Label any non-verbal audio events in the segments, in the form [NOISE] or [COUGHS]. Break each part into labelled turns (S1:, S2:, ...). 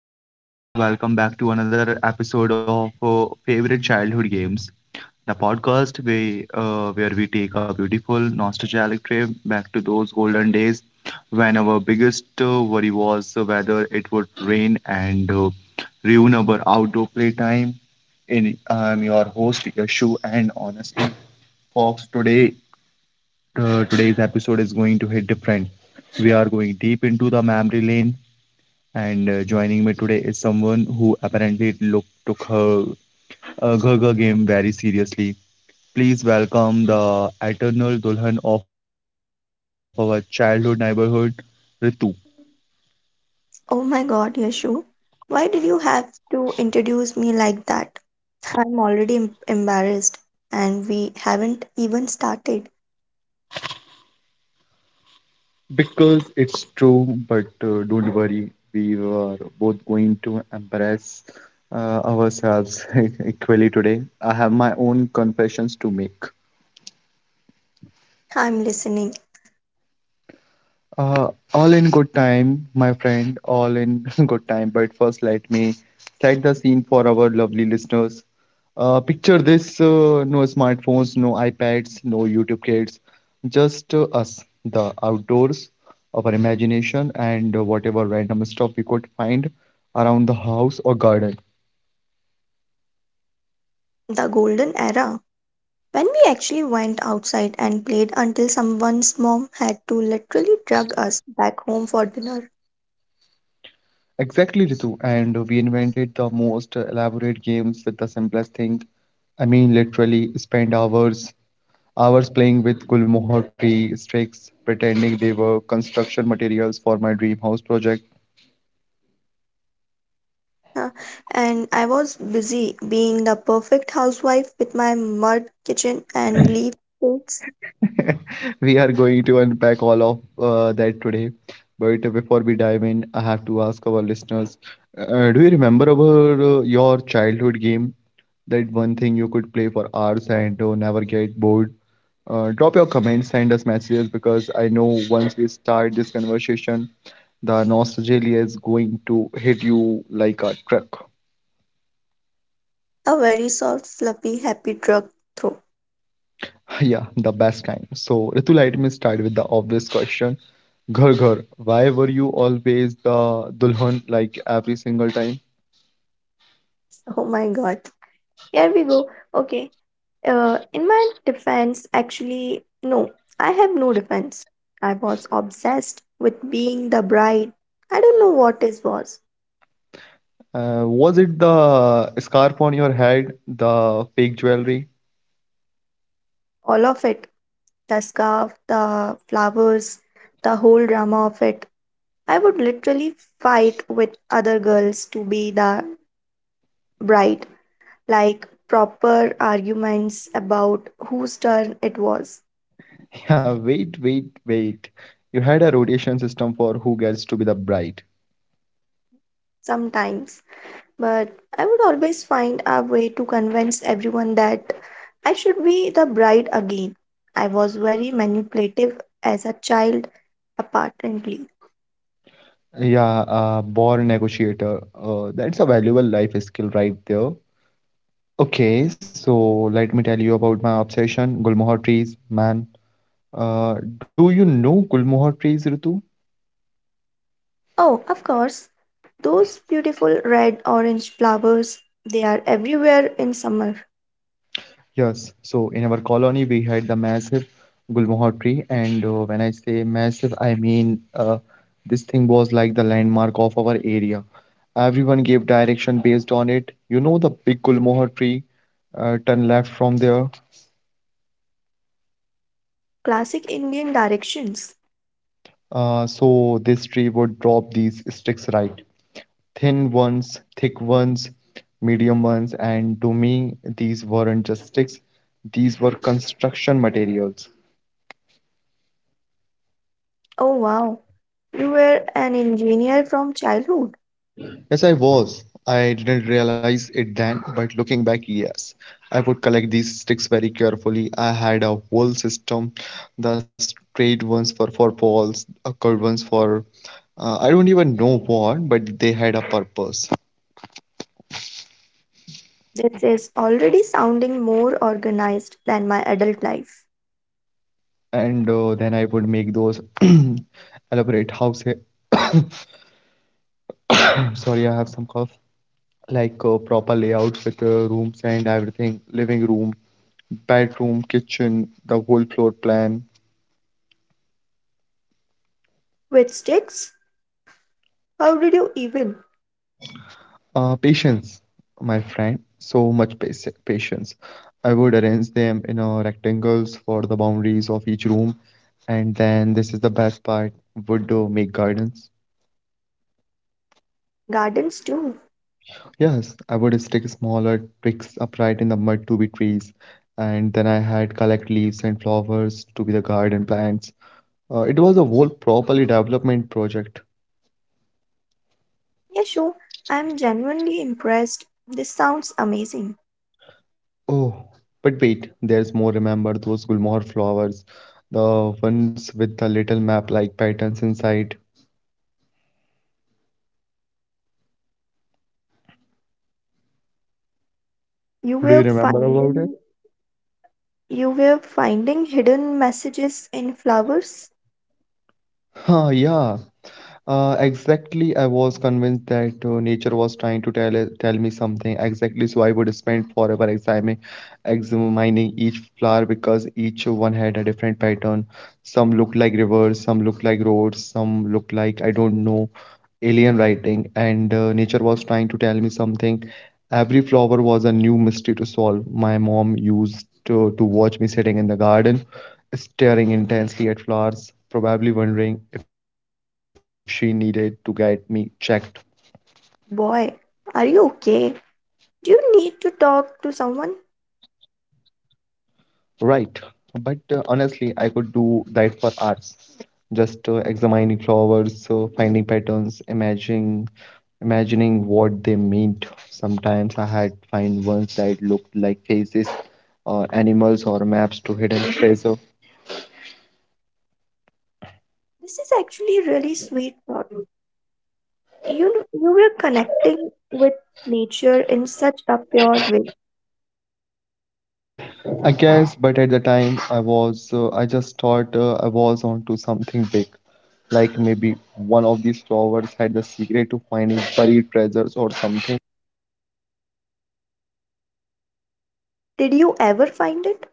S1: Hello everyone. Welcome back to another episode of Favorite Childhood Games, the podcast where we take a beautiful nostalgic trip back to those golden days when our biggest worry was whether it would rain and ruin our outdoor playtime. In I'm your host Yashu, and honestly, folks, today's episode is going to hit different. We are going deep into the memory lane and joining me today is someone who apparently look, took her Gurga game very seriously. Please welcome the eternal Dulhan of our childhood neighborhood, Ritu.
S2: Oh my God, Yashu, why did you have to introduce me like that? I'm already embarrassed and we haven't even started.
S1: Because it's true, but don't worry, we were both going to embarrass ourselves [LAUGHS] equally today. I have my own confessions to make.
S2: I'm listening.
S1: Uh, all in good time, my friend, all in [LAUGHS] good time. But first, let me set the scene for our lovely listeners. Picture this, no smartphones, no iPads, no YouTube kids, just us, the outdoors, our imagination, and whatever random stuff we could find around the house or garden.
S2: The golden era. When we actually went outside and played until someone's mom had to literally drag us back home for dinner.
S1: Exactly, Ritu. And we invented the most elaborate games with the simplest thing. I mean, literally spend hours playing with Gulmohar tree sticks, pretending they were construction materials for my dream house project.
S2: Huh. And I was busy being the perfect housewife with my mud kitchen and leaf cakes,
S1: [LAUGHS] We are going to unpack all of that today. But before we dive in, I have to ask our listeners do you remember about your childhood game? That one thing you could play for hours and never get bored? Drop your comments, send us messages because I know once we start this conversation, the nostalgia is going to hit you like a truck.
S2: a very soft, fluffy, happy drug throw.
S1: [LAUGHS] Yeah, the best kind. So, Ritu, let me start with the obvious question. Ghar Ghar, why were you always the dulhan like every single time?
S2: Oh my god. Here we go. Okay. In my defense, actually, no, I have no defense. I was obsessed with being the bride. I don't know what it was.
S1: Was it the scarf on your head, the fake jewelry? [LAUGHS]
S2: All of it. The scarf, the flowers, the whole drama of it. I would literally fight with other girls to be the bride. Like proper arguments about whose turn it was.
S1: Yeah, wait, wait, wait. You had a rotation system for who gets to be the bride.
S2: Sometimes. But I would always find a way to convince everyone that I should be the bride again. I was very manipulative as a child, apparently.
S1: Yeah, born negotiator. That's a valuable life skill right there. Okay, so let me tell you about my obsession, Gulmohar trees, man. Do you know gulmohar trees, Ritu?
S2: Oh, of course, those beautiful red orange flowers, they are everywhere in summer.
S1: Yes. So in our colony, we had the massive gulmohar tree, and when I say massive, I mean this thing was like the landmark of our area. Everyone gave direction based on it. You know the big gulmohar tree, turn left from there.
S2: Classic Indian directions.
S1: So this tree would drop these sticks right, thin ones, thick ones, medium ones, and to me, these weren't just sticks; these were construction materials.
S2: Oh, wow. You were an engineer from childhood.
S1: Yes, I was. I didn't realize it then, but looking back, yes. I would collect these sticks very carefully. I had a whole system, the straight ones for balls, curved ones for I don't even know what, but they had a purpose.
S2: This is already sounding more organized than my adult life.
S1: And then I would make those [CLEARS THROAT] elaborate houses. [COUGHS] Sorry, I have some cough. Like proper layouts with rooms and everything, living room, bedroom, kitchen, the whole floor plan.
S2: With sticks? How did you even?
S1: Patience, my friend. So much patience. I would arrange them in a rectangles for the boundaries of each room, and then this is the best part. Would make gardens.
S2: Gardens too.
S1: Yes, I would stick smaller twigs upright in the mud to be trees, and then I had collect leaves and flowers to be the garden plants. It was a whole properly development project.
S2: Yeah, sure. I'm genuinely impressed. This sounds amazing.
S1: Oh, but wait, there's more. Remember those Gulmohar flowers, the ones with the little map-like patterns inside.
S2: You
S1: Do you
S2: were
S1: remember about it?
S2: finding you were finding hidden messages in flowers?
S1: Huh, yeah. Exactly, I was convinced that nature was trying to tell me something exactly, so I would spend forever examining each flower because each one had a different pattern. Some looked like rivers, some looked like roads, some looked like I don't know alien writing, and nature was trying to tell me something. Every flower was a new mystery to solve. My mom used to watch me sitting in the garden staring intensely at flowers, probably wondering if she needed to get me checked.
S2: Boy, are you okay? Do you need to talk to someone?
S1: Right. But honestly, I could do that for hours. Just examining flowers, finding patterns, imagining what they meant. Sometimes I had find ones that looked like faces or animals or maps to hidden treasure.
S2: This is actually a really sweet thought. You know, you were connecting with nature in such a pure way.
S1: I guess, but at the time I just thought I was onto something big. Like maybe one of these flowers had the secret to finding buried treasures or something.
S2: Did you ever find it?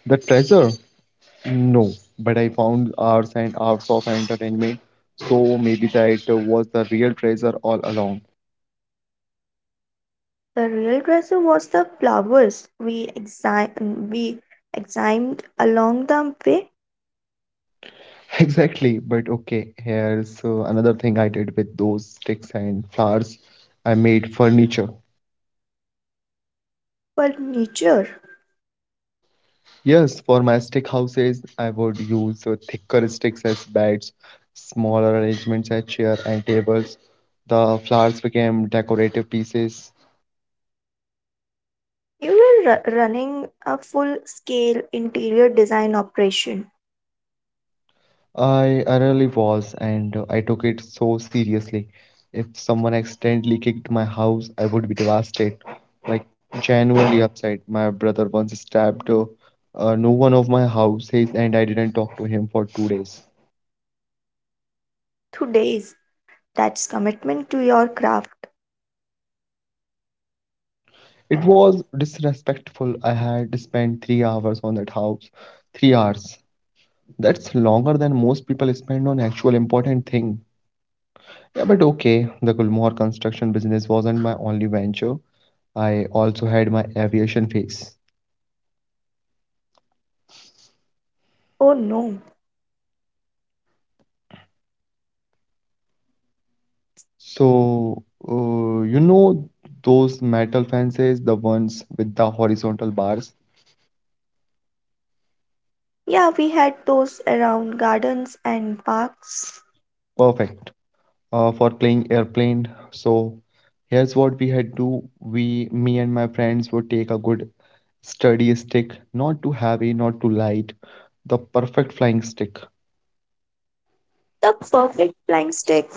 S1: The treasure? No, but I found hours and hours of entertainment. So maybe that was the real treasure all along. [LAUGHS]
S2: The real treasure was the flowers we examined along the way.
S1: Exactly, but okay, here's another thing I did with those sticks and flowers. I made furniture.
S2: Furniture.
S1: Yes, for my stick houses, I would use thicker sticks as beds, smaller arrangements as chair and tables. The flowers became decorative pieces.
S2: You were running a full scale interior design operation.
S1: I really was, and I took it so seriously. If someone accidentally kicked my house, I would be devastated, like genuinely upset. My brother once stabbed no one of my houses, and I didn't talk to him for 2 days.
S2: 2 days. That's commitment to your craft.
S1: It was disrespectful. I had spent 3 hours on that house. 3 hours. That's longer than most people spend on actual important thing. Yeah, but okay. The Gulmohar construction business wasn't my only venture. I also had my aviation phase.
S2: Oh no.
S1: So, you know those metal fences, the ones with the horizontal bars?
S2: Yeah, we had those around gardens and parks.
S1: Perfect for playing airplane. So here's what we had to me and my friends would take a good sturdy stick, not too heavy, not too light, the perfect flying stick.
S2: The perfect flying stick.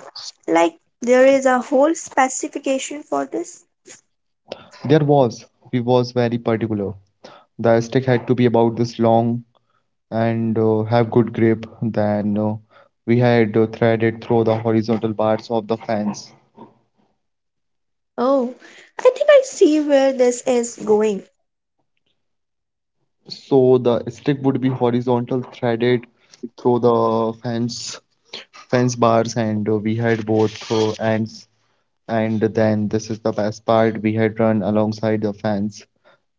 S2: Like, there is a whole specification for this.
S1: There was, we was very particular. The stick had to be about this long and have good grip. Then we had threaded through the horizontal bars of the fence.
S2: Oh, I think I see where this is going.
S1: So the stick would be horizontal threaded through the fence bars and we had both ends, and then this is the best part, we had run alongside the fence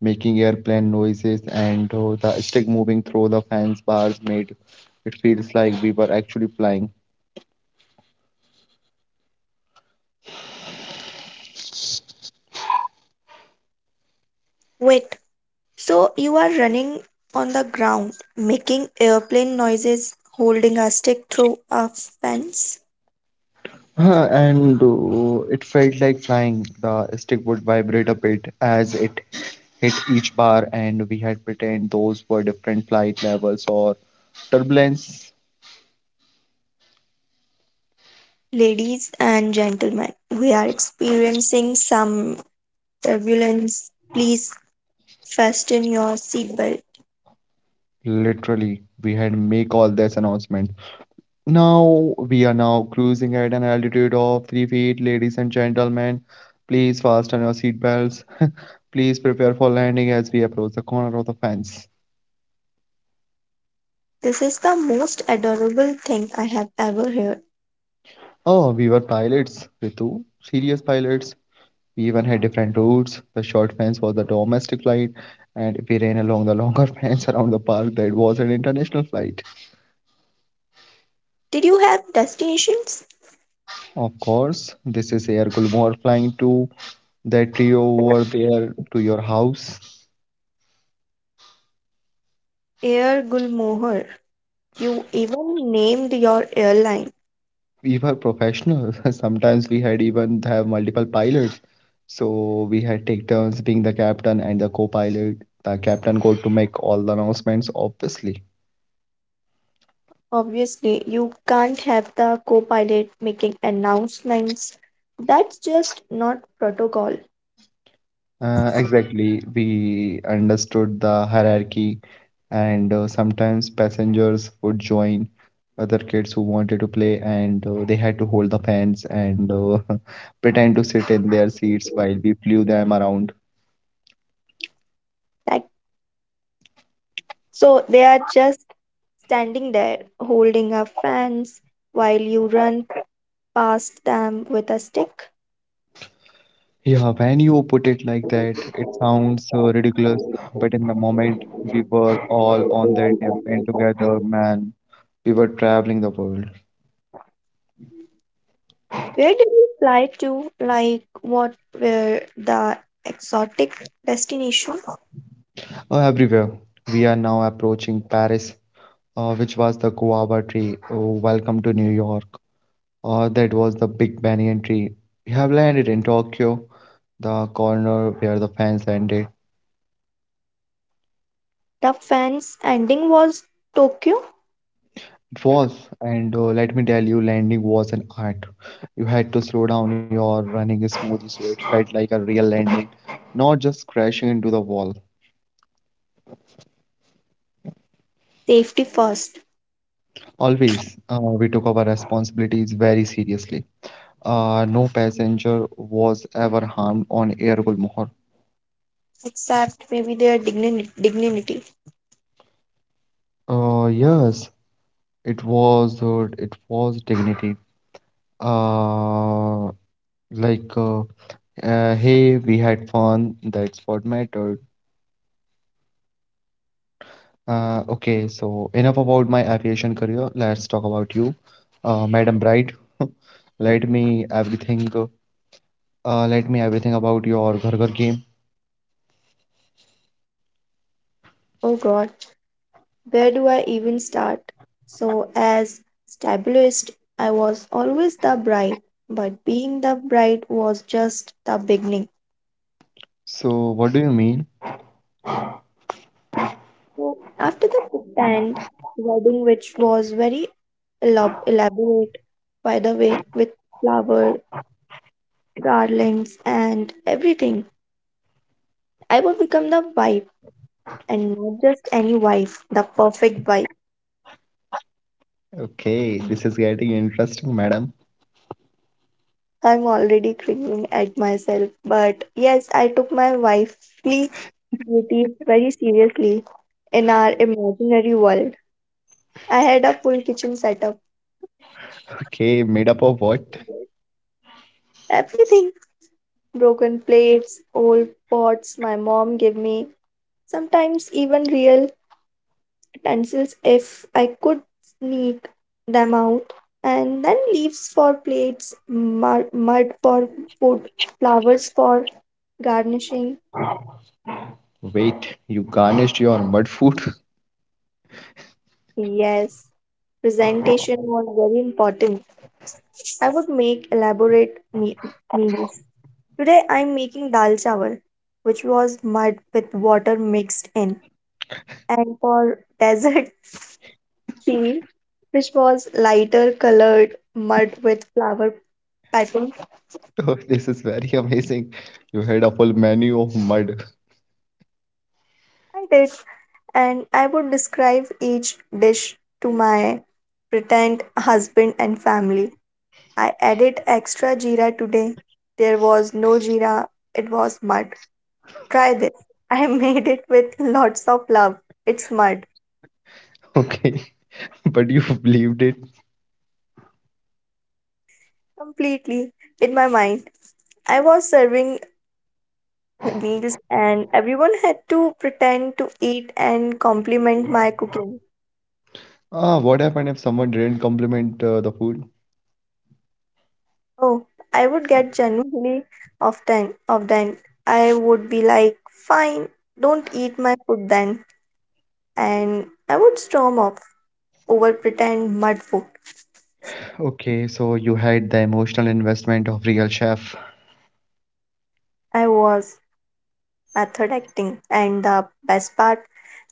S1: making airplane noises and the stick moving through the fence bars made it feels like we were actually flying. [LAUGHS]
S2: Wait, so you are running on the ground, making airplane noises, holding a stick through a fence?
S1: And it felt like flying, the stick would vibrate a bit as it hit each bar and we had pretend those were different flight levels or turbulence,
S2: Ladies and gentlemen, we are experiencing some turbulence. Please fasten your seatbelt.
S1: literally we had make all this announcement. Now we are now cruising at an altitude of 3 feet, ladies and gentlemen. Please fasten your seatbelts. [LAUGHS] Please prepare for landing as we approach the corner of the fence.
S2: This is the most adorable thing I have ever heard.
S1: Oh, we were pilots, Ritu. Serious pilots. We even had different routes. The short fence was the domestic flight, and we ran along the longer [LAUGHS] fence around the park, that was an international flight.
S2: Did you have destinations?
S1: Of course, this is Air Gulmohar flying to that tree over there to your house.
S2: Air Gulmohar. You even named your airline.
S1: We were professionals. [LAUGHS] Sometimes we had even have multiple pilots. So we had take turns being the captain and the co-pilot. The captain got to make all the announcements, obviously.
S2: Obviously, you can't have the co pilot making announcements. That's just not protocol.
S1: Exactly. We understood the hierarchy, and sometimes passengers would join other kids who wanted to play, and they had to hold the fans and [LAUGHS] pretend to sit in their seats while we flew them around.
S2: Like, so they are just standing there holding up fans while you run past them with a stick.
S1: Yeah, when you put it like that, it sounds ridiculous, but in the moment we were all on that airplane together, man. We were traveling the world,
S2: Where did you fly to? Like, what were the exotic destination?
S1: everywhere. We are now approaching Paris, which was the guava tree. Oh, welcome to New York. That was the big banyan tree. We have landed in Tokyo, the corner where the fans ended.
S2: The fans ending was Tokyo.
S1: It was, and let me tell you, landing was an art. You had to slow down your running smoothie so it felt like a real landing, not just crashing into the wall.
S2: Safety first,
S1: Always, we took our responsibilities very seriously. No passenger was ever harmed on Air Gulmohar.
S2: except maybe their dignity. Dignity.
S1: Yes, it was dignity. Uh, like, uh, hey, we had fun, that's what mattered. Okay, so enough about my aviation career. Let's talk about you, Madam Bright. Let me everything. Let me everything about your Ghar Ghar game.
S2: Oh god. Where do I even start? So, as stabulist, I was always the bride, but being the bride was just the beginning.
S1: So, what do you mean?
S2: So, after the pretend wedding, which was very elaborate, by the way, with flower, garlands, and everything, I would become the wife, and not just any wife, the perfect wife.
S1: Okay, this is getting interesting, madam.
S2: I'm already cringing at myself, but yes, I took my wifely duties very seriously in our imaginary world. I had a full kitchen setup,
S1: Okay, made up of what?
S2: everything broken plates, old pots my mom gave me, sometimes even real utensils if I could sneak them out, and then leaves for plates, mud for food, flowers for garnishing.
S1: Wait, you garnished your mud food? [LAUGHS]
S2: Yes. Presentation was very important. I would make elaborate meals. Today I'm making dal chawal, which was mud with water mixed in. And for [LAUGHS] desert tea, which was lighter colored mud with flower patterns,
S1: Oh, this is very amazing. You had a full menu of mud. [LAUGHS]
S2: I did. And I would describe each dish to my pretend husband and family. I added extra jeera today. There was no jeera, it was mud. Try this. [LAUGHS] I made it with lots of love. It's mud.
S1: Okay, [LAUGHS] but you believed it.
S2: Completely. In my mind. I was serving meals and everyone had to pretend to eat and compliment my cooking.
S1: Ah, what happened if someone didn't compliment the food?
S2: Oh, I would get genuinely often. I would be like, fine, don't eat my food then. And I would storm off over pretend mud food.
S1: Okay, so you had the emotional investment of Real Chef.
S2: I was. Method acting. And the best part,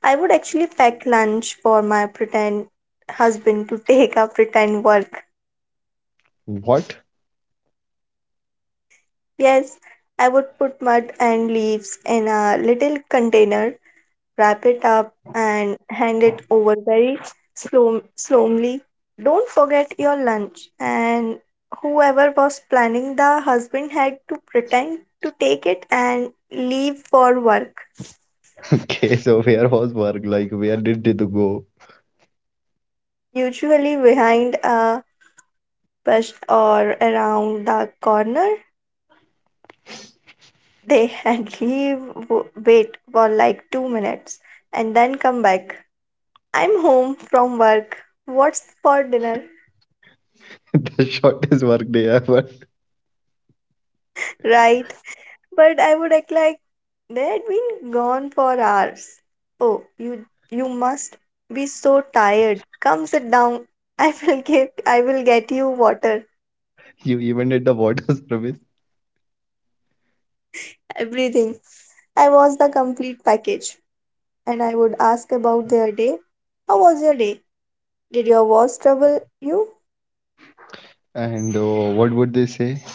S2: I would actually pack lunch for my pretend husband to [LAUGHS] take a pretend work.
S1: What? [LAUGHS]
S2: Yes, I would put mud and leaves in a little container, wrap it up, and hand it over very slowly. Don't forget your lunch. And whoever was planning the husband had to pretend to take it and leave for work
S1: Okay, so where was work? Like, where did it go?
S2: usually behind a bush or around the corner. [LAUGHS] They had leave, wait for like 2 minutes, and then come back. I'm home from work. What's for dinner?
S1: [LAUGHS] The shortest work day ever.
S2: Right. But I would act like they had been gone for hours. Oh, you must be so tired. Come sit down. I will get you water.
S1: You even did the water service.
S2: Everything. I was the complete package. And I would ask about their day. How was your day? Did your voice trouble you?
S1: And what would they say?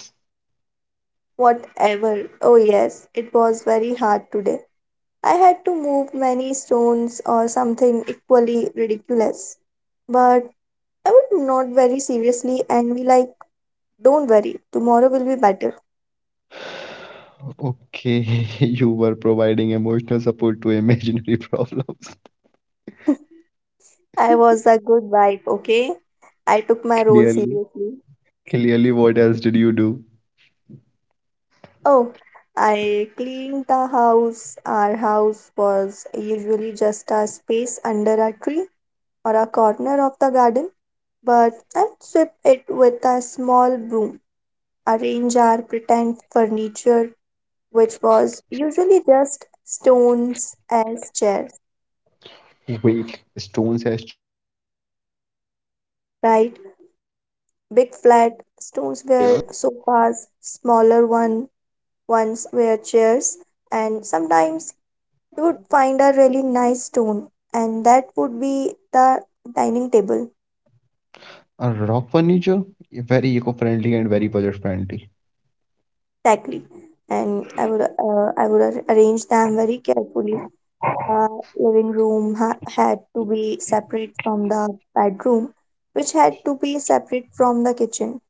S2: Whatever. Oh, yes, it was very hard today. I had to move many stones or something equally ridiculous. But I would not very seriously and be like, don't worry, tomorrow will be better.
S1: Okay, [LAUGHS] you were providing emotional support to imaginary [LAUGHS] problems.
S2: I was a good wife, okay? I took my role
S1: Clearly,
S2: seriously.
S1: clearly, what else did you do?
S2: Oh, I cleaned the house. Our house was usually just a space under a tree or a corner of the garden, but I sweep it with a small broom, arrange our pretend furniture, which was usually just stones as chairs,
S1: Wait, stones as chairs? That's actually genius.
S2: right? Big flat stones were sofas, smaller one ones were chairs, and sometimes you would find a really nice stone, and that would be the dining table,
S1: A rock furniture? Very eco-friendly and very budget-friendly.
S2: exactly. And I would arrange them very carefully. The living room had to be separate from the bedroom, which had to be separate from the kitchen.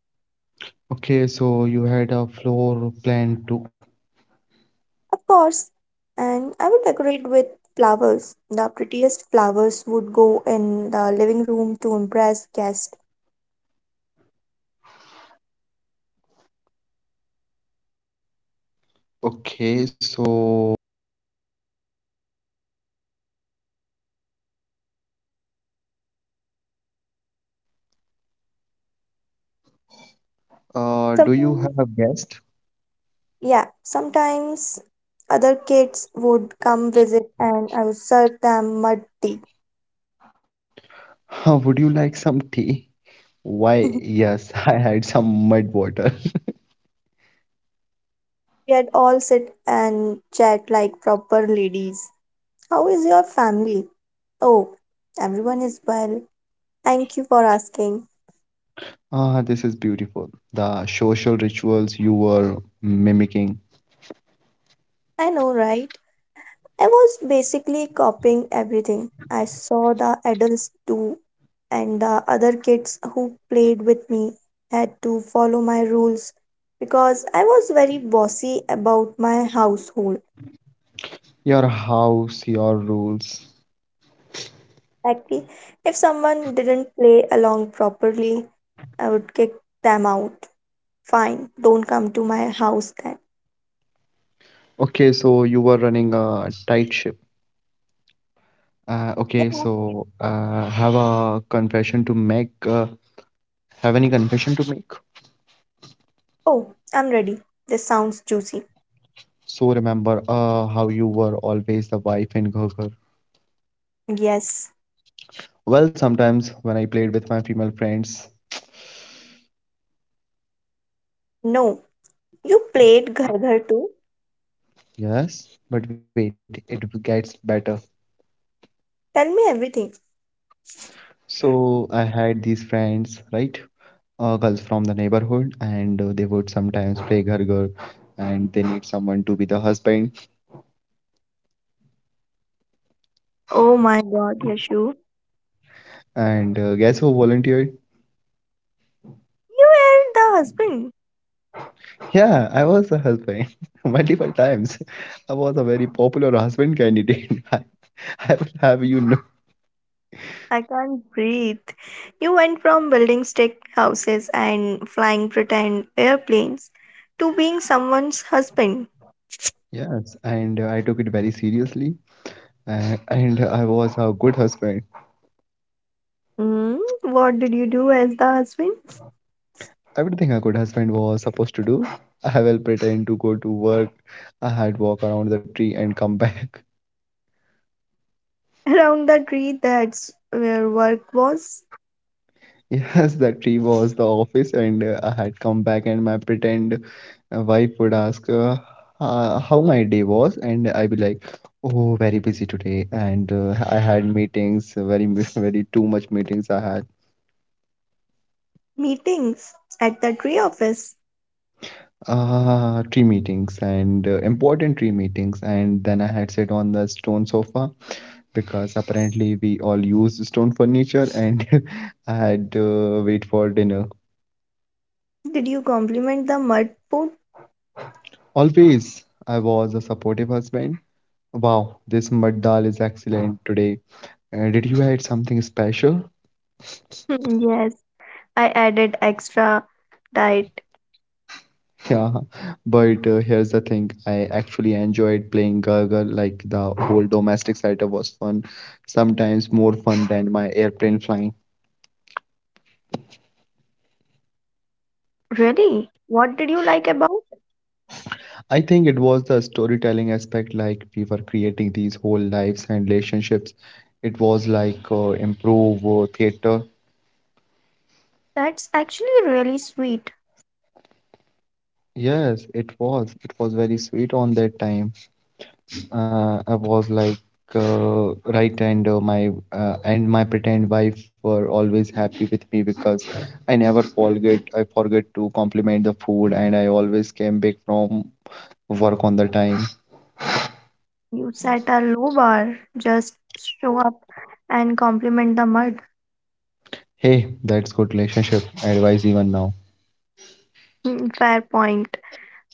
S1: Okay, so you had a floor plan too.
S2: Of course, and I would decorate with flowers. The prettiest flowers would go in the living room to impress guests. Sometimes,
S1: Do you have a guest?
S2: yeah, sometimes other kids would come visit and I would serve them mud tea.
S1: [LAUGHS] Would you like some tea? Why,
S2: [LAUGHS] We
S1: yes, [LAUGHS] I had some mud water. [LAUGHS]
S2: had all sit and chat like proper ladies. How is your family? Oh, everyone is well. Thank you for asking.
S1: Ah, this is beautiful. The social rituals you were mimicking,
S2: I know, right? I was basically copying everything. I saw the adults do, and the other kids who played with me had to follow my rules because I was very bossy about my household.
S1: your house, your rules.
S2: Actually, if someone didn't play along properly, I would kick them out. Fine, don't come to my house then.
S1: Okay, so you were running a tight ship. Okay, so have a confession to make. Have any confession to make?
S2: Oh, I'm ready. This sounds juicy.
S1: So remember how you were always the wife in Ghoghar.
S2: Yes.
S1: Well, sometimes when I played with my female friends,
S2: No. You played Ghar Ghar too?
S1: yes, but wait, gets better.
S2: Tell me everything.
S1: So I had these friends, right? Girls from the neighborhood, and they would sometimes play ghar ghar, and they need someone to be the husband.
S2: Oh my god, Yashu.
S1: And guess who volunteered?
S2: You were the husband.
S1: Yeah, I was a husband [LAUGHS] multiple times. I was a very popular husband candidate. [LAUGHS] I will have you know.
S2: I can't breathe. You went from building stick houses and flying pretend airplanes to being someone's husband.
S1: Yes, and I took it very seriously, and I was a good husband.
S2: Hmm? What did you do as the husband? [LAUGHS]
S1: Everything a good husband was supposed to do. I will pretend to go to work. I had walk around the tree and come back. [LAUGHS]
S2: Around the tree, that's where work was.
S1: Yes, the tree was the office, and I had come back, and my pretend wife would ask how my day was, and I be like, "Oh, very busy today, and I had meetings, [LAUGHS] very too much meetings. I had
S2: Meetings at the tree office.
S1: three meetings and important three meetings, and then I had sit on the stone sofa because apparently we all used stone furniture and [LAUGHS] I had to wait for dinner.
S2: Did you compliment the mud food?
S1: Always, I was a supportive husband. Wow, this mud dal is excellent today. Did you add something special? [LAUGHS]
S2: [LAUGHS] Hmm, yes, I added extra diet.
S1: Yeah, but here's the thing. I actually enjoyed playing Gargle. Like the whole domestic setup was fun, sometimes more fun than my airplane flying.
S2: Really? What did you like about?
S1: I think it was the storytelling aspect, like we were creating these whole lives and relationships. It was like improve theater.
S2: That's actually really sweet.
S1: Yes, it was. It was very sweet on that time. I was like right, and my and my pretend wife were always happy with me because I never forget. I forget to compliment the food, and I always came back from work on the time.
S2: You set a low bar. Just show up and compliment the mud.
S1: Hey, that's good relationship advice even now.
S2: Hmm, fair point.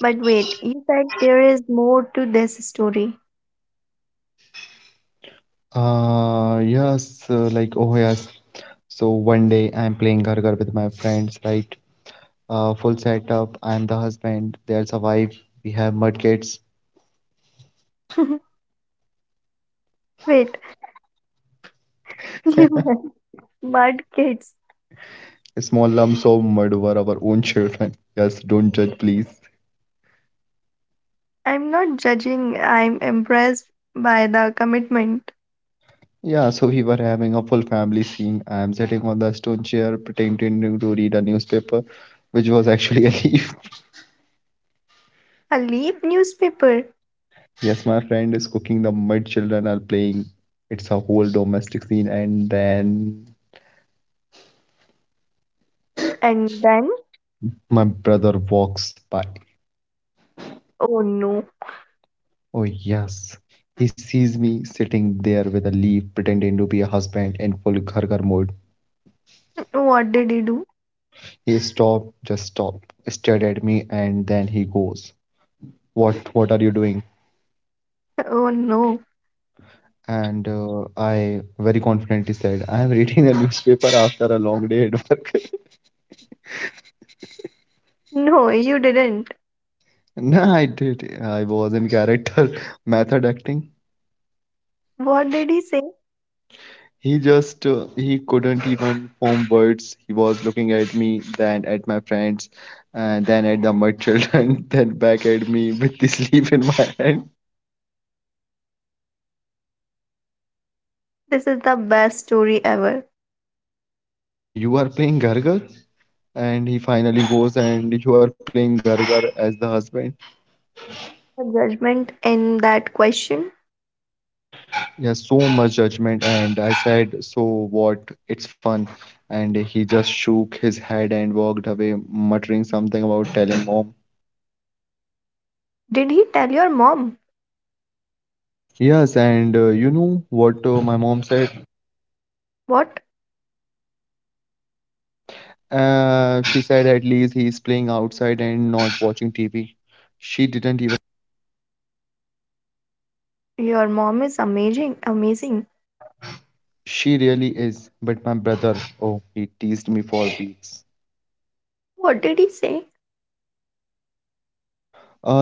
S2: But wait, you said there is more to this story.
S1: Yes, like, oh, yes. So one day I'm playing Ghar Ghar with my friends, right? Full setup. I'm the husband. There's a wife. We have mud kids.
S2: [LAUGHS] Wait, [LAUGHS] you mud kids.
S1: Small lumps of mud were our own children. [LAUGHS] Yes, don't judge, please.
S2: I'm not judging. I'm impressed by the commitment.
S1: Yeah, so we were having a full family scene. I'm sitting on the stone chair pretending to read a newspaper, which was actually a leaf.
S2: A leaf newspaper.
S1: [LAUGHS] Yes, my friend is cooking. The mud children are playing. It's a whole domestic scene. And then
S2: And then,
S1: my brother walks by.
S2: oh no,
S1: Oh, yes. He sees me sitting there with a leaf, pretending to be a husband in full Ghargar mode.
S2: [LAUGHS] what did he do?
S1: He stopped, just stopped, stared at me, and then he goes, what are you doing?
S2: Oh no.
S1: And I very confidently said, I am reading a newspaper after a long day at work.
S2: No, you didn't.
S1: [LAUGHS] nah, I did. I was in character [LAUGHS] method acting.
S2: What did he say?
S1: He just he couldn't even form words. He was looking at me, then at my friends, and then at the mud children, [LAUGHS] then back at me with this leaf in my hand.
S2: This is the best story ever.
S1: You are playing Gargar? And he finally goes and you are playing Gargar as the husband.
S2: The judgment in that question.
S1: Yeah, so much judgment. And I said, so what? It's fun. And he just shook his head and walked away, muttering something about telling mom.
S2: Did he tell your mom?
S1: Yes, and you know what my mom said?
S2: What?
S1: She said at least he's playing outside and not watching TV. She didn't even.
S2: Your mom is amazing.
S1: She really is. But my brother, oh, he teased me for weeks.
S2: What did he say?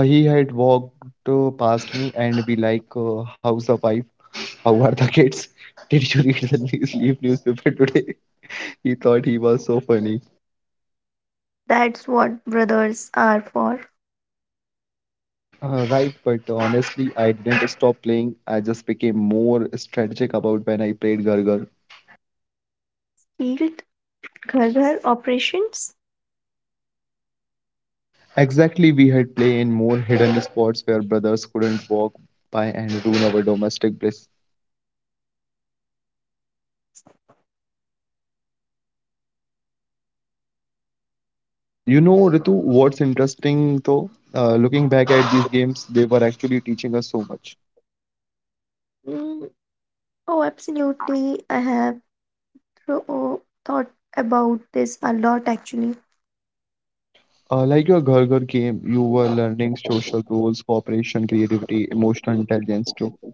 S1: He had walked past me and be like, "How's the wife? How are the kids? Did you read the news, leave newspaper today?" [LAUGHS] He thought he was so funny.
S2: That's what brothers are for.
S1: Right, but honestly, I didn't stop playing. I just became more strategic about when I played Gargar.
S2: Field Ghar operations?
S1: Exactly, we had play in more hidden spots where brothers couldn't walk by and ruin our domestic bliss. You know, Ritu, what's interesting though, looking back at these games, they were actually teaching us so much.
S2: Mm, oh, absolutely. I have thought about this a lot actually.
S1: Like your Ghar Ghar game, you were learning social rules, cooperation, creativity, emotional intelligence too.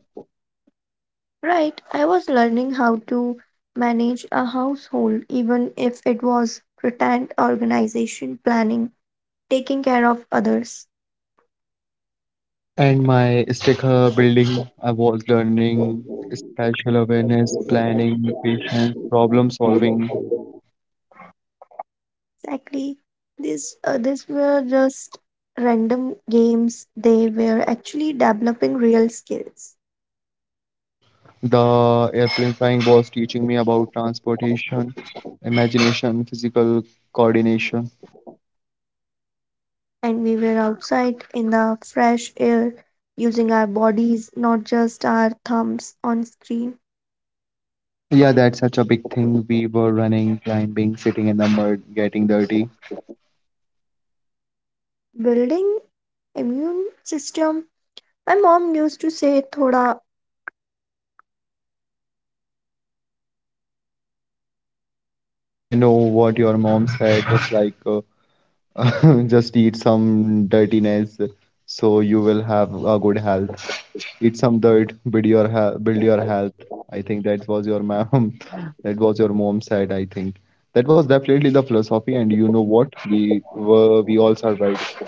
S2: Right, I was learning how to manage a household, even if it was pretend organization, planning, taking care of others.
S1: And my sticker building, I was learning spatial awareness, planning, patience, problem solving.
S2: Exactly. These were just random games. They were actually developing real skills,
S1: The airplane flying was teaching me about transportation, imagination, physical coordination.
S2: and we were outside in the fresh air, using our bodies, not just our thumbs on screen.
S1: Yeah, that's such a big thing. We were running, climbing, sitting in the mud, getting dirty.
S2: Building immune system. My mom used to say, "Thoda.
S1: I know what your mom said, just like [LAUGHS] just eat some dirtiness so you will have a good health. Eat some dirt, build your health, build your health. I think that was your mom, [LAUGHS] that was your mom said. I think that was definitely the philosophy, and you know what? We all survived.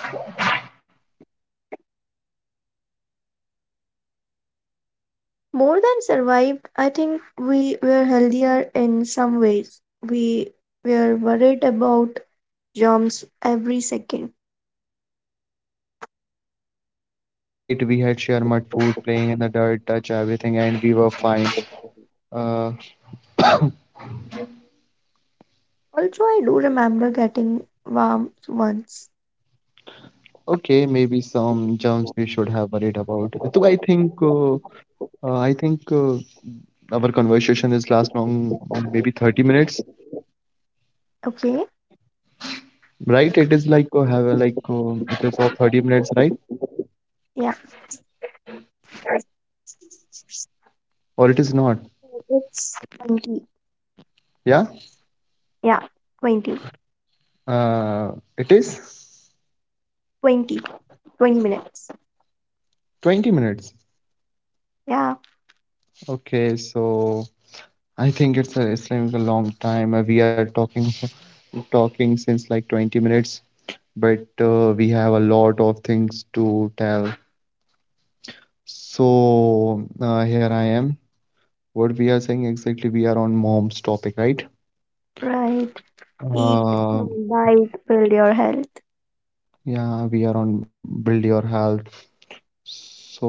S2: More than survived, I think we were healthier in some ways. We were worried about germs every second.
S1: Right, we had share mud food, playing in the dirt, touch everything, and we were fine. Uh,
S2: Also, I do remember getting warm once.
S1: okay, maybe some germs we should have worried about. So I think our conversation is last long, maybe 30 minutes,
S2: Okay,
S1: right? It is like it is of 30 minutes, right?
S2: yeah. So
S1: Or it is not.
S2: it's 20.
S1: Yeah,
S2: Yeah, 20.
S1: it is
S2: 20. 20 minutes.
S1: 20 minutes.
S2: Yeah,
S1: Okay, so I think it's like a long time. We are talking [LAUGHS] talking since like 20 minutes, but we have a lot of things to tell. So here I am. What we are saying exactly, we are on mom's topic, right?
S2: right. Eat
S1: Uh,
S2: some diet, build your health.
S1: yeah, we are on build your health. So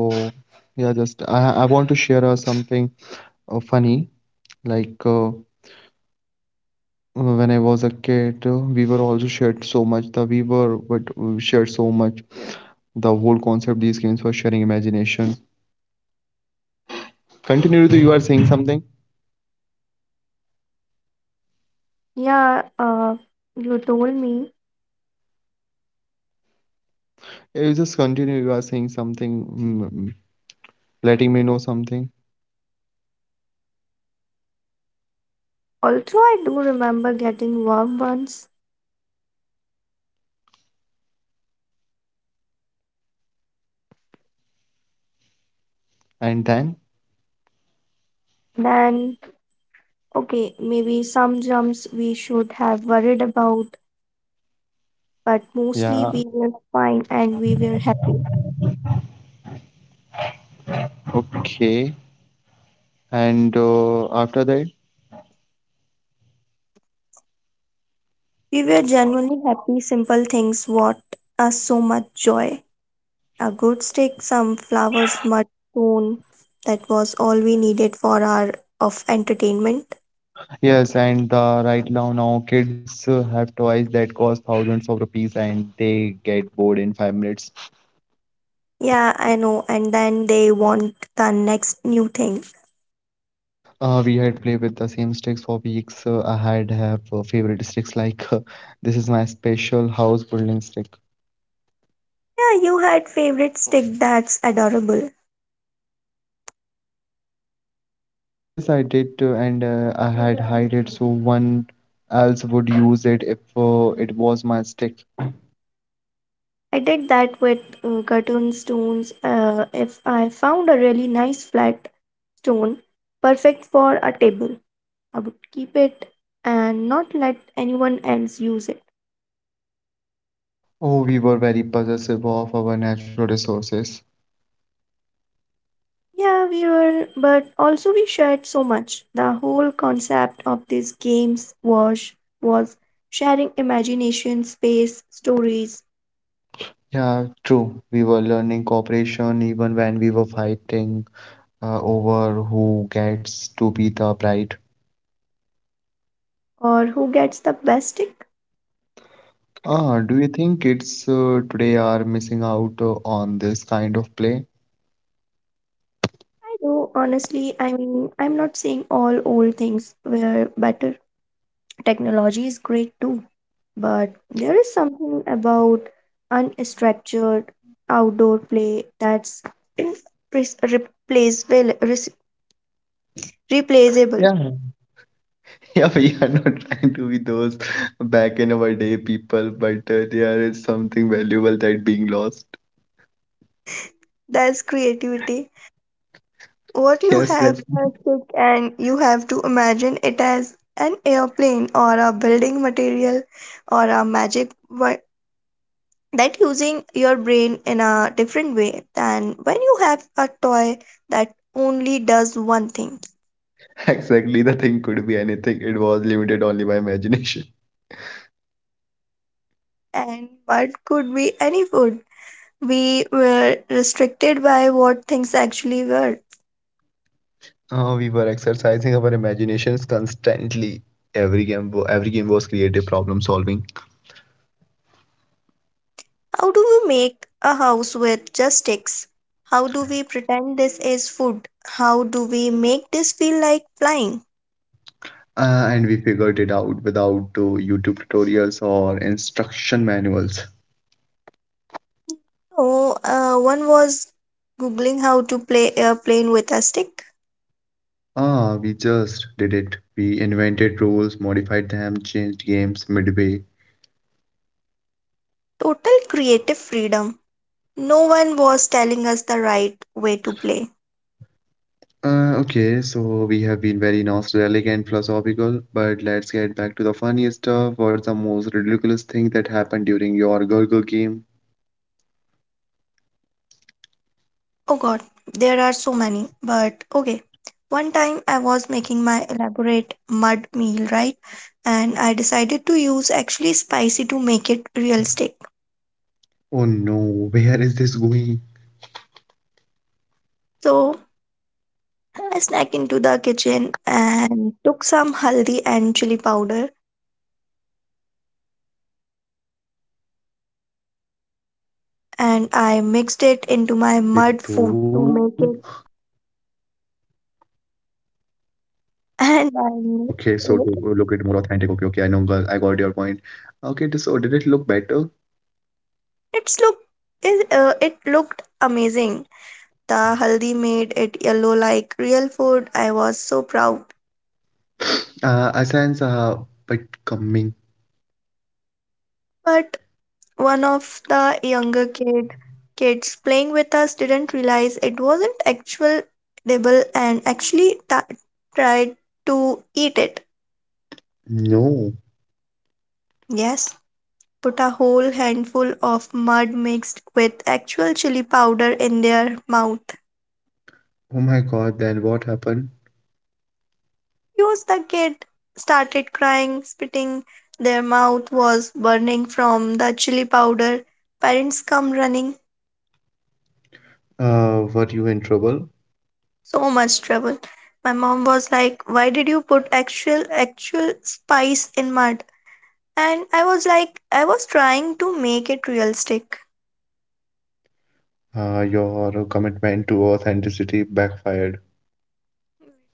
S1: yeah, just I want to share something funny like. When I was a kid, we were also shared so much. The we were but We shared so much. The whole concept these games were sharing imagination. Continue. You are saying something.
S2: Yeah, you told me.
S1: Yeah, you just continue. You are saying something, mm, letting me know something,
S2: Also, I do remember getting warm once.
S1: and then
S2: Then okay, maybe some jumps we should have worried about, but mostly we
S1: yeah,
S2: were fine and we were happy.
S1: okay. And after that,
S2: We were genuinely happy. Simple things brought us so much joy. A good stick, some flowers, mud stone. That was all we needed for our of entertainment.
S1: yes, and right now now kids have toys that cost thousands of rupees and they get bored in 5 minutes.
S2: Yeah, I know. And then they want the next new thing.
S1: We had played with the same sticks for weeks. I had have favorite sticks like this is my special house building stick.
S2: Yeah, you had favorite stick. That's adorable.
S1: Yes, I did, and I had hide it so one else would use it if it was my stick.
S2: I did that with cartoon stones. If I found a really nice flat stone, perfect for a table, I would keep it and not let anyone else use it.
S1: Oh, we were very possessive of our natural resources.
S2: Yeah, we were, but also we shared so much. The whole concept of these games was sharing imagination, space, stories,
S1: Yeah, true. We were learning cooperation even when we were fighting over who gets to be the bride.
S2: or who gets the best stick.
S1: Ah, do you think kids today are missing out on this kind of play?
S2: I do honestly. I mean, I'm not saying all old things were better. Technology is great too, but there is something about unstructured outdoor play that's irreplaceable replaceable.
S1: Yeah. [LAUGHS] Yeah, we are not trying to be those back in our day people, but there is something valuable that being lost.
S2: That's creativity what you
S1: Yes,
S2: have
S1: that
S2: a stick and you have to imagine it as an airplane or a building material or a that using your brain in a different way than when you have a toy that only does one thing
S1: [LAUGHS] exactly the thing could be anything. It was limited only by imagination. [LAUGHS]
S2: and mud could be any food. We were restricted by what things actually were.
S1: We were exercising our imaginations constantly. Every game was creative problem solving,
S2: How do we make a house with just sticks? How do we pretend this is food? How do we make this feel like flying?
S1: and we figured it out without YouTube tutorials or instruction manuals.
S2: Oh, one was googling how to play airplane with a stick.
S1: Ah, we just did it. We invented rules, modified them, changed games midway.
S2: Total creative freedom. No one was telling us the right way to play.
S1: Okay, so we have been very nostalgic and philosophical, but let's get back to the funniest stuff. What's the most ridiculous thing that happened during your Gurgle game?
S2: Oh god, there are so many. But okay, one time I was making my elaborate mud meal, right? And I decided to use actually spicy to make it realistic.
S1: Oh no, where is this going?
S2: So I snuck into the kitchen and took some haldi and chili powder,
S1: Ritu?
S2: and I mixed it into my mud food to make it [LAUGHS] and
S1: Okay,
S2: I
S1: so to
S2: mixed
S1: look
S2: it.
S1: it more authentic. Okay, okay, I know, girl, I got your point. Okay, this, oh, did it look better?
S2: It's look it, it looked amazing. The haldi made it yellow like real food. I was so proud.
S1: I sense but coming.
S2: But one of the younger kid kids playing with us didn't realize it wasn't actual edible and actually ta tried to eat it.
S1: No.
S2: Yes, put a whole handful of mud mixed with actual chili powder in their mouth.
S1: Oh my God, then what happened?
S2: Use the kid started crying, spitting. Their mouth was burning from the chili powder. Parents come running.
S1: Were you in trouble?
S2: So much trouble. My mom was like, "Why did you put actual spice in mud?" And I was like, I was trying to make it realistic,
S1: Your commitment to authenticity backfired.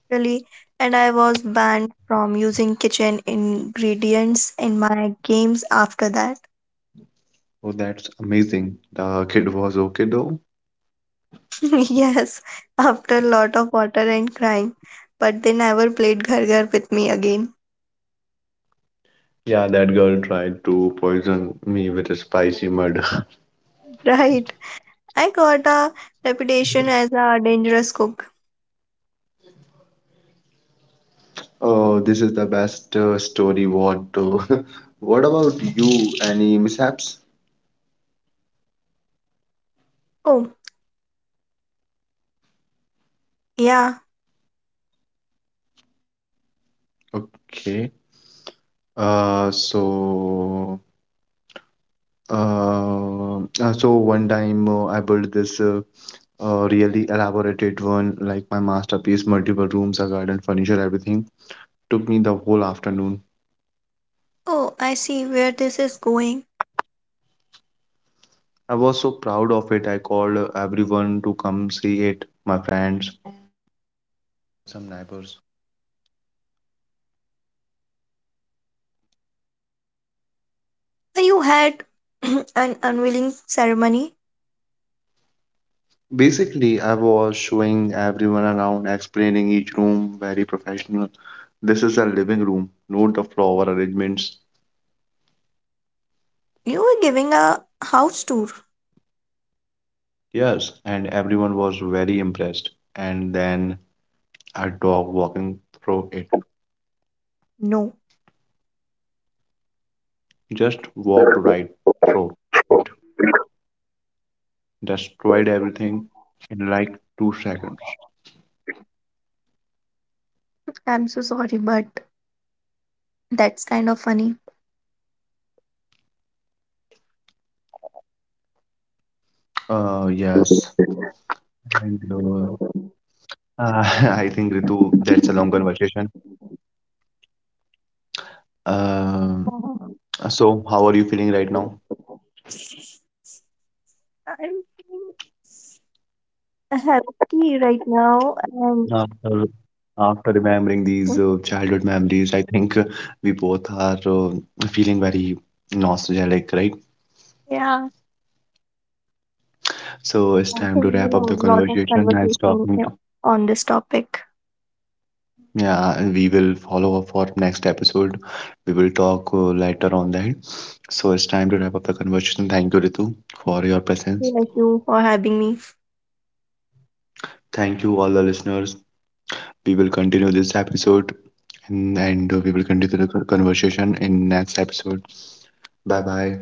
S2: really, and I was banned from using kitchen ingredients in my games after that.
S1: Oh, that's amazing. The kid was okay though.
S2: [LAUGHS] Yes, after a lot of water and crying, but they never played Ghar Ghar with me again.
S1: Yeah, that girl tried to poison me with a spicy mud. [LAUGHS]
S2: [LAUGHS] Right. I got a reputation as a dangerous cook.
S1: Oh, this is the best story. [LAUGHS] What about you? Any mishaps?
S2: Oh, yeah.
S1: Okay. Uh, so so one time I built this really elaborated one, like my masterpiece, multiple rooms, a garden, furniture, everything. Took me the whole afternoon.
S2: Oh, I see where this is going.
S1: I was so proud of it. I called everyone to come see it. My
S2: You had [CLEARS THROAT] an unveiling ceremony.
S1: I was showing everyone around, explaining each room, very professional. This is a living room, note the flower arrangements.
S2: You were giving a house tour.
S1: Yes, and everyone was very impressed. And then a dog walking through it
S2: No,
S1: just walked right through it, destroyed everything in like 2 seconds.
S2: I'm so sorry, but that's kind of funny.
S1: Yes, and [LAUGHS] I think Ritu, a long conversation. Um,
S2: I'm
S1: so how are you feeling right now?
S2: happy right now,
S1: After,
S2: and
S1: after remembering these childhood memories, I think we both are feeling very nostalgic, right?
S2: yeah,
S1: So it's
S2: I
S1: time to
S2: think we
S1: wrap
S2: have
S1: up the
S2: a lot of
S1: conversation. Nice
S2: conversation
S1: talking to
S2: on this topic.
S1: yeah, and we will follow up for next episode. We will talk later on that. So it's time to wrap up the conversation. Thank you, Ritu, for your presence.
S2: Bless you for having me.
S1: Thank you, all the listeners. We will continue this episode and we will continue the conversation in next episode. Bye bye.